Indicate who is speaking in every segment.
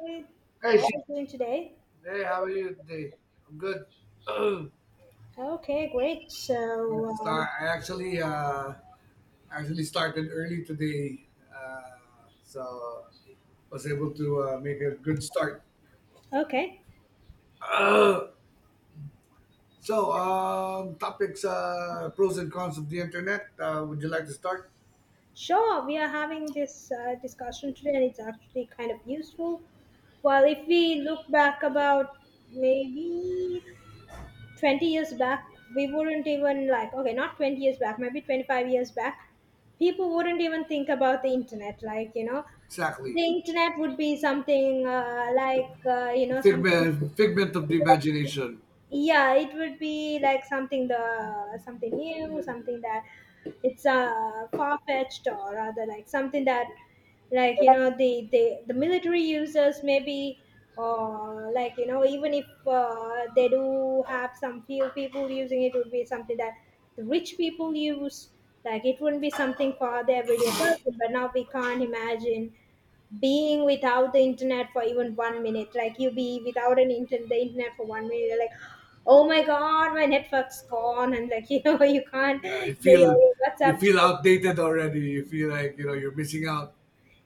Speaker 1: Hey,
Speaker 2: Hey,
Speaker 1: how are
Speaker 2: Sh-
Speaker 1: you doing today?
Speaker 2: hey, how are you today? I'm good.
Speaker 1: Okay, great. So,
Speaker 2: Start. I actually actually started early today, so was able to make a good start.
Speaker 1: okay,
Speaker 2: Topics, pros and cons of the internet. Would you like to start?
Speaker 1: sure. We are having this discussion today, and it's actually kind of useful. Well, if we look back about maybe 20 years back, we wouldn't even like, okay, not 20 years back, maybe 25 years back, people wouldn't even think about the internet. Like, the
Speaker 2: Exactly,
Speaker 1: internet would be something like, something.
Speaker 2: figment of the imagination.
Speaker 1: Yeah, it would be like something, the something new, something that it's far-fetched, or rather like something that, like the military users maybe, or like even if they do have some few people using it, would be something that the rich people use. Like, it wouldn't be something for the everyday person, but now we can't imagine being without the internet for even 1 minute. Like, you be without an internet the internet for 1 minute, you're like, oh my god, my network's gone, and like you can't
Speaker 2: Uh, you
Speaker 1: your, your,
Speaker 2: feel
Speaker 1: your
Speaker 2: you
Speaker 1: WhatsApps.
Speaker 2: feel outdated already. You feel like you know you're missing out.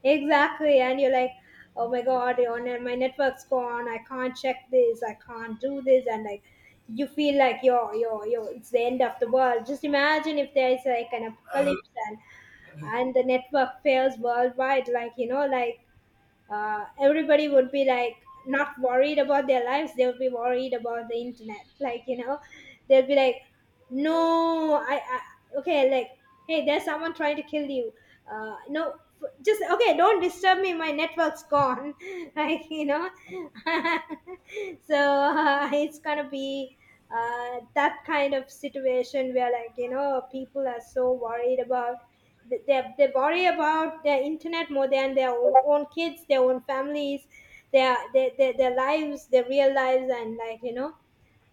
Speaker 1: Exactly, and you're like, oh my god, my network's gone, I can't check this, I can't do this. And like, you feel like you're it's the end of the world. Just imagine if there's like an apocalypse, and the network fails worldwide, like like everybody would be like not worried about their lives, they would be worried about the internet, like. They'll be like, no, I okay, like hey, there's someone trying to kill you. No, just okay, don't disturb me, my network's gone like so it's gonna be that kind of situation where like people are so worried about, they worry about their internet more than their own kids, their own families, their lives, their real lives, and like.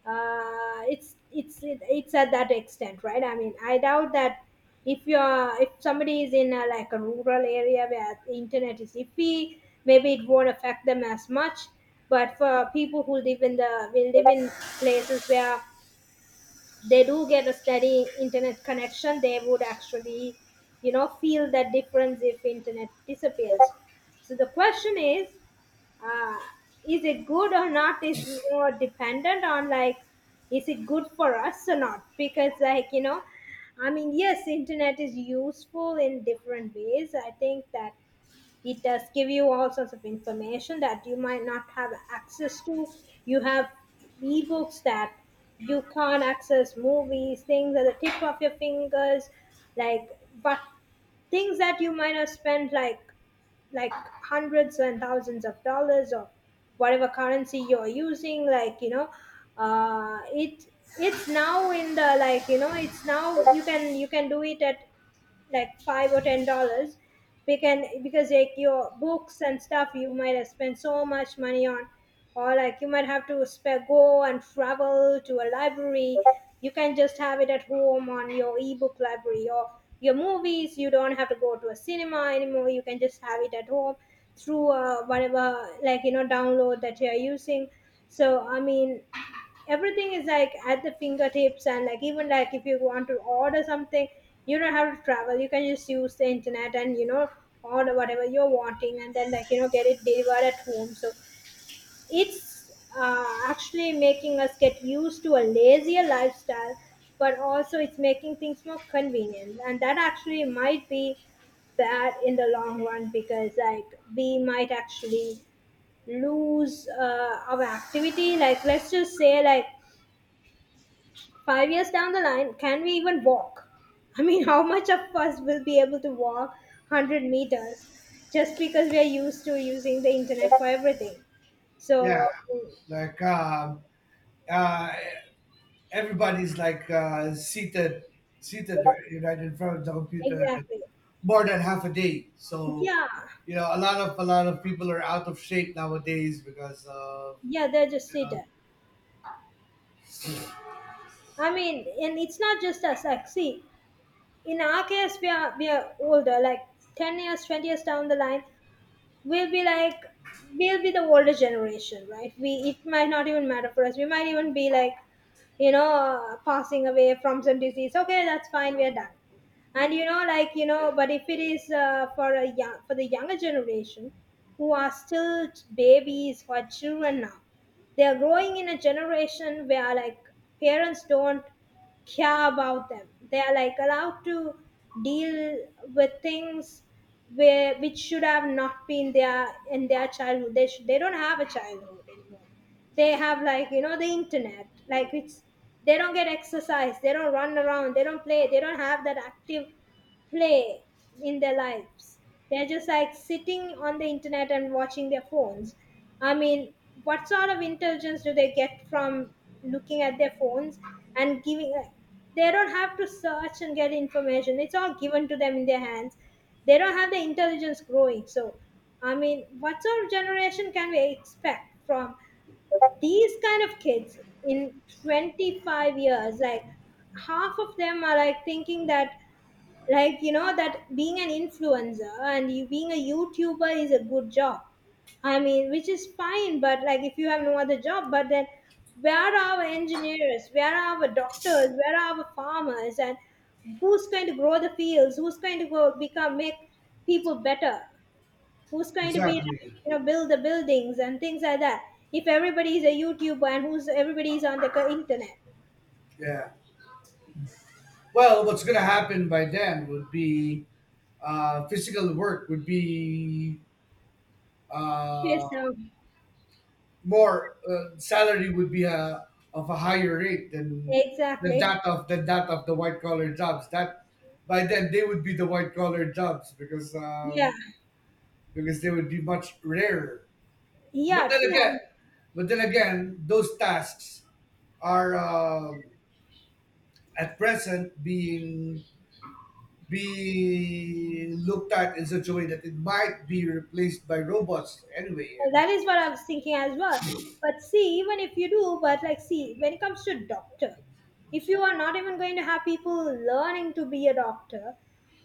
Speaker 1: It's at that extent, right? I mean, I doubt that if somebody is in a, like a rural area where the internet is iffy, maybe it won't affect them as much. But for people who live in the, will live in places where they do get a steady internet connection, they would actually, feel that difference if internet disappears. So the question uh, is it good or not? Is more dependent on like, is it good for us or not? Because like I mean, yes, internet is useful in different ways. I think that it does give you all sorts of information that you might not have access to. You have ebooks that you can't access, movies, things at the tip of your fingers, like. But things that you might have spent like hundreds and thousands of dollars or whatever currency you're using, like, it, it's now in the, like it's now, you can do it at like $5 or $10. We can, because like your books and stuff, you might have spent so much money on, or like you might have to spare go and travel to a library. You can just have it at home on your ebook library, or your movies, you don't have to go to a cinema anymore, you can just have it at home through whatever like download that you're using. So I mean, everything is like at the fingertips, and like, even like if you want to order something, you don't have to travel, you can just use the internet and order whatever you're wanting, and then like get it delivered at home. So it's actually making us get used to a lazier lifestyle, but also it's making things more convenient, and that actually might be bad in the long run, because like we might actually lose our activity. Like, let's just say like 5 years down the line, can we even walk? I mean, how much of us will be able to walk 100 meters just because we are used to using the internet for everything? So,
Speaker 2: Yeah, like um, uh, everybody's like seated right in front of the computer, like
Speaker 1: exactly.
Speaker 2: more than half a day. So
Speaker 1: Yeah,
Speaker 2: you know, a lot of people are out of shape nowadays because of,
Speaker 1: yeah, they're just
Speaker 2: you know.
Speaker 1: seated. I mean, and it's not just us. Like, see, in our case, we are older, like 10 years, 20 years down the line. We'll be like, we'll be the older generation, right? We, it might not even matter for us, we might even be like passing away from some disease. Okay, that's fine, we're done. And like but if it is for a young for the younger generation who are still babies, who are children now, they are growing in a generation where like parents don't care about them, they are like allowed to deal with things where, which should have not been there in their childhood. They don't have a childhood anymore. They have like the internet. Like, it's they don't get exercise. They don't run around. They don't play. They don't have that active play in their lives. They're just like sitting on the internet and watching their phones. I mean, what sort of intelligence do they get from looking at their phones and giving? Like, they don't have to search and get information. It's all given to them in their hands. They don't have the intelligence growing. So, I mean, what sort of generation can we expect from these kind of kids in 25 years? Like, half of them are like thinking that, like that being an influencer and you being a youtuber is a good job. I mean, which is fine, but like if you have no other job, but then where are our engineers, where are our doctors, where are our farmers, and who's going to grow the fields, who's going to go become, make people better, who's going to be like,
Speaker 2: Exactly.
Speaker 1: build the buildings and things like that, if everybody is a youtuber, and who's, everybody is on the internet.
Speaker 2: Yeah, well, what's going to happen by then would be, physical work would be,
Speaker 1: Yes,
Speaker 2: uh, more salary would be a, of a higher rate than
Speaker 1: exactly.
Speaker 2: than that of the white collar jobs. That by then they would be the white collar jobs,
Speaker 1: Yeah,
Speaker 2: because they would be much rarer. But
Speaker 1: yeah,
Speaker 2: then again,
Speaker 1: true.
Speaker 2: but then again, those tasks are at present being looked at in such a way that it might be replaced by robots anyway.
Speaker 1: Well,
Speaker 2: And
Speaker 1: that is what I was thinking as well. But see, even if you do, but like, see, when it comes to doctor, if you are not even going to have people learning to be a doctor,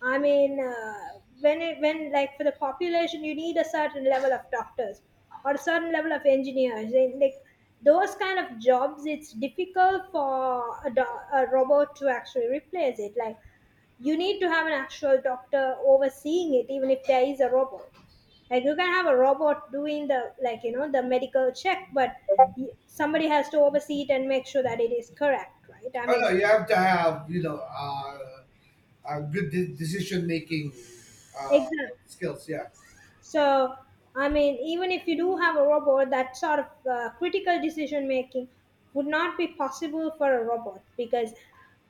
Speaker 1: I mean, when it, when like for the population, you need a certain level of doctors or a certain level of engineers. And, like, those kind of jobs, it's difficult for a robot to actually replace it. Like, you need to have an actual doctor overseeing it, even if there is a robot. Like, you can have a robot doing the, like the medical check, but somebody has to oversee it and make sure that it is correct, right? I
Speaker 2: oh no,
Speaker 1: mean,
Speaker 2: you have to have, you know, decision making, uh,
Speaker 1: exactly.
Speaker 2: skills. Yeah.
Speaker 1: So I mean, even if you do have a robot, that sort of critical decision making would not be possible for a robot, because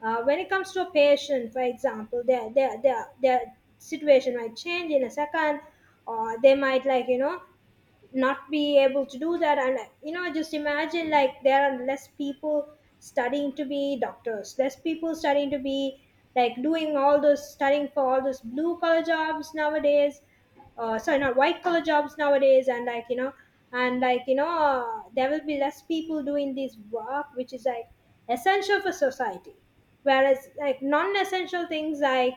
Speaker 1: when it comes to a patient, for example, their situation might change in a second, or they might like not be able to do that. And just imagine like there are less people studying to be doctors, less people studying to be, like doing all those, studying for all those blue collar jobs nowadays, sorry, not white collar jobs nowadays. And like and like there will be less people doing this work, which is like essential for society, whereas like non-essential things like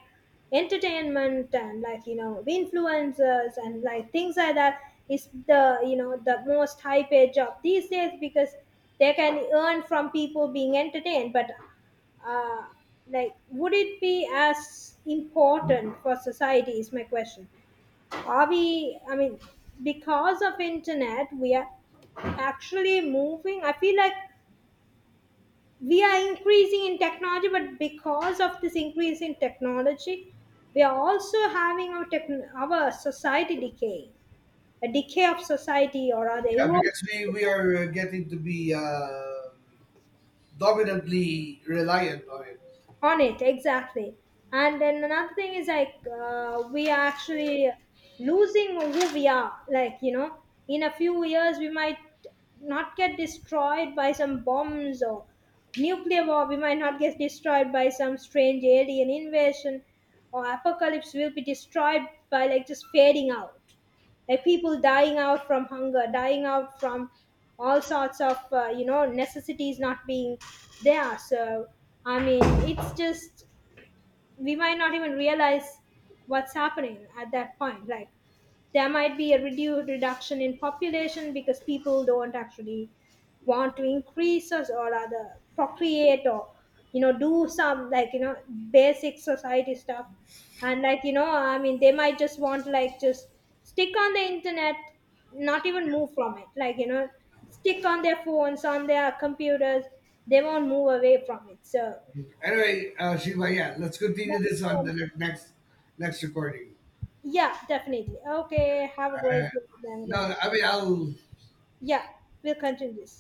Speaker 1: entertainment and like the influencers and like things like that, is the, the most high paid job these days, because they can earn from people being entertained, but uh, like would it be as important for society is my question. Are we, I mean, because of internet, we are actually moving, I feel like we are increasing in technology, but because of this increase in technology, we are also having our our society decaying, a decay of society, or other
Speaker 2: Yeah,
Speaker 1: erosion.
Speaker 2: because we are, getting to be dominantly reliant on it.
Speaker 1: On it, exactly. And then another thing is like, we are actually losing who we are, like, in a few years we might not get destroyed by some bombs or nuclear war, we might not get destroyed by some strange alien invasion or apocalypse, will be destroyed by, like, just fading out, like people dying out from hunger, dying out from all sorts of necessities not being there. So I mean, it's just, we might not even realize what's happening at that point. Like, there might be a reduction in population, because people don't actually want to increase us, or rather procreate, or do some, like basic society stuff. And like I mean, they might just want to, like just stick on the internet, not even move from it, like stick on their phones, on their computers, they won't move away from it. So
Speaker 2: Anyway, Shiva, yeah, let's continue this on
Speaker 1: that,
Speaker 2: the next recording.
Speaker 1: yeah, definitely. Okay, have a
Speaker 2: Uh,
Speaker 1: great day then,
Speaker 2: no,
Speaker 1: grandpa.
Speaker 2: I mean, I'll
Speaker 1: Yeah, we'll continue this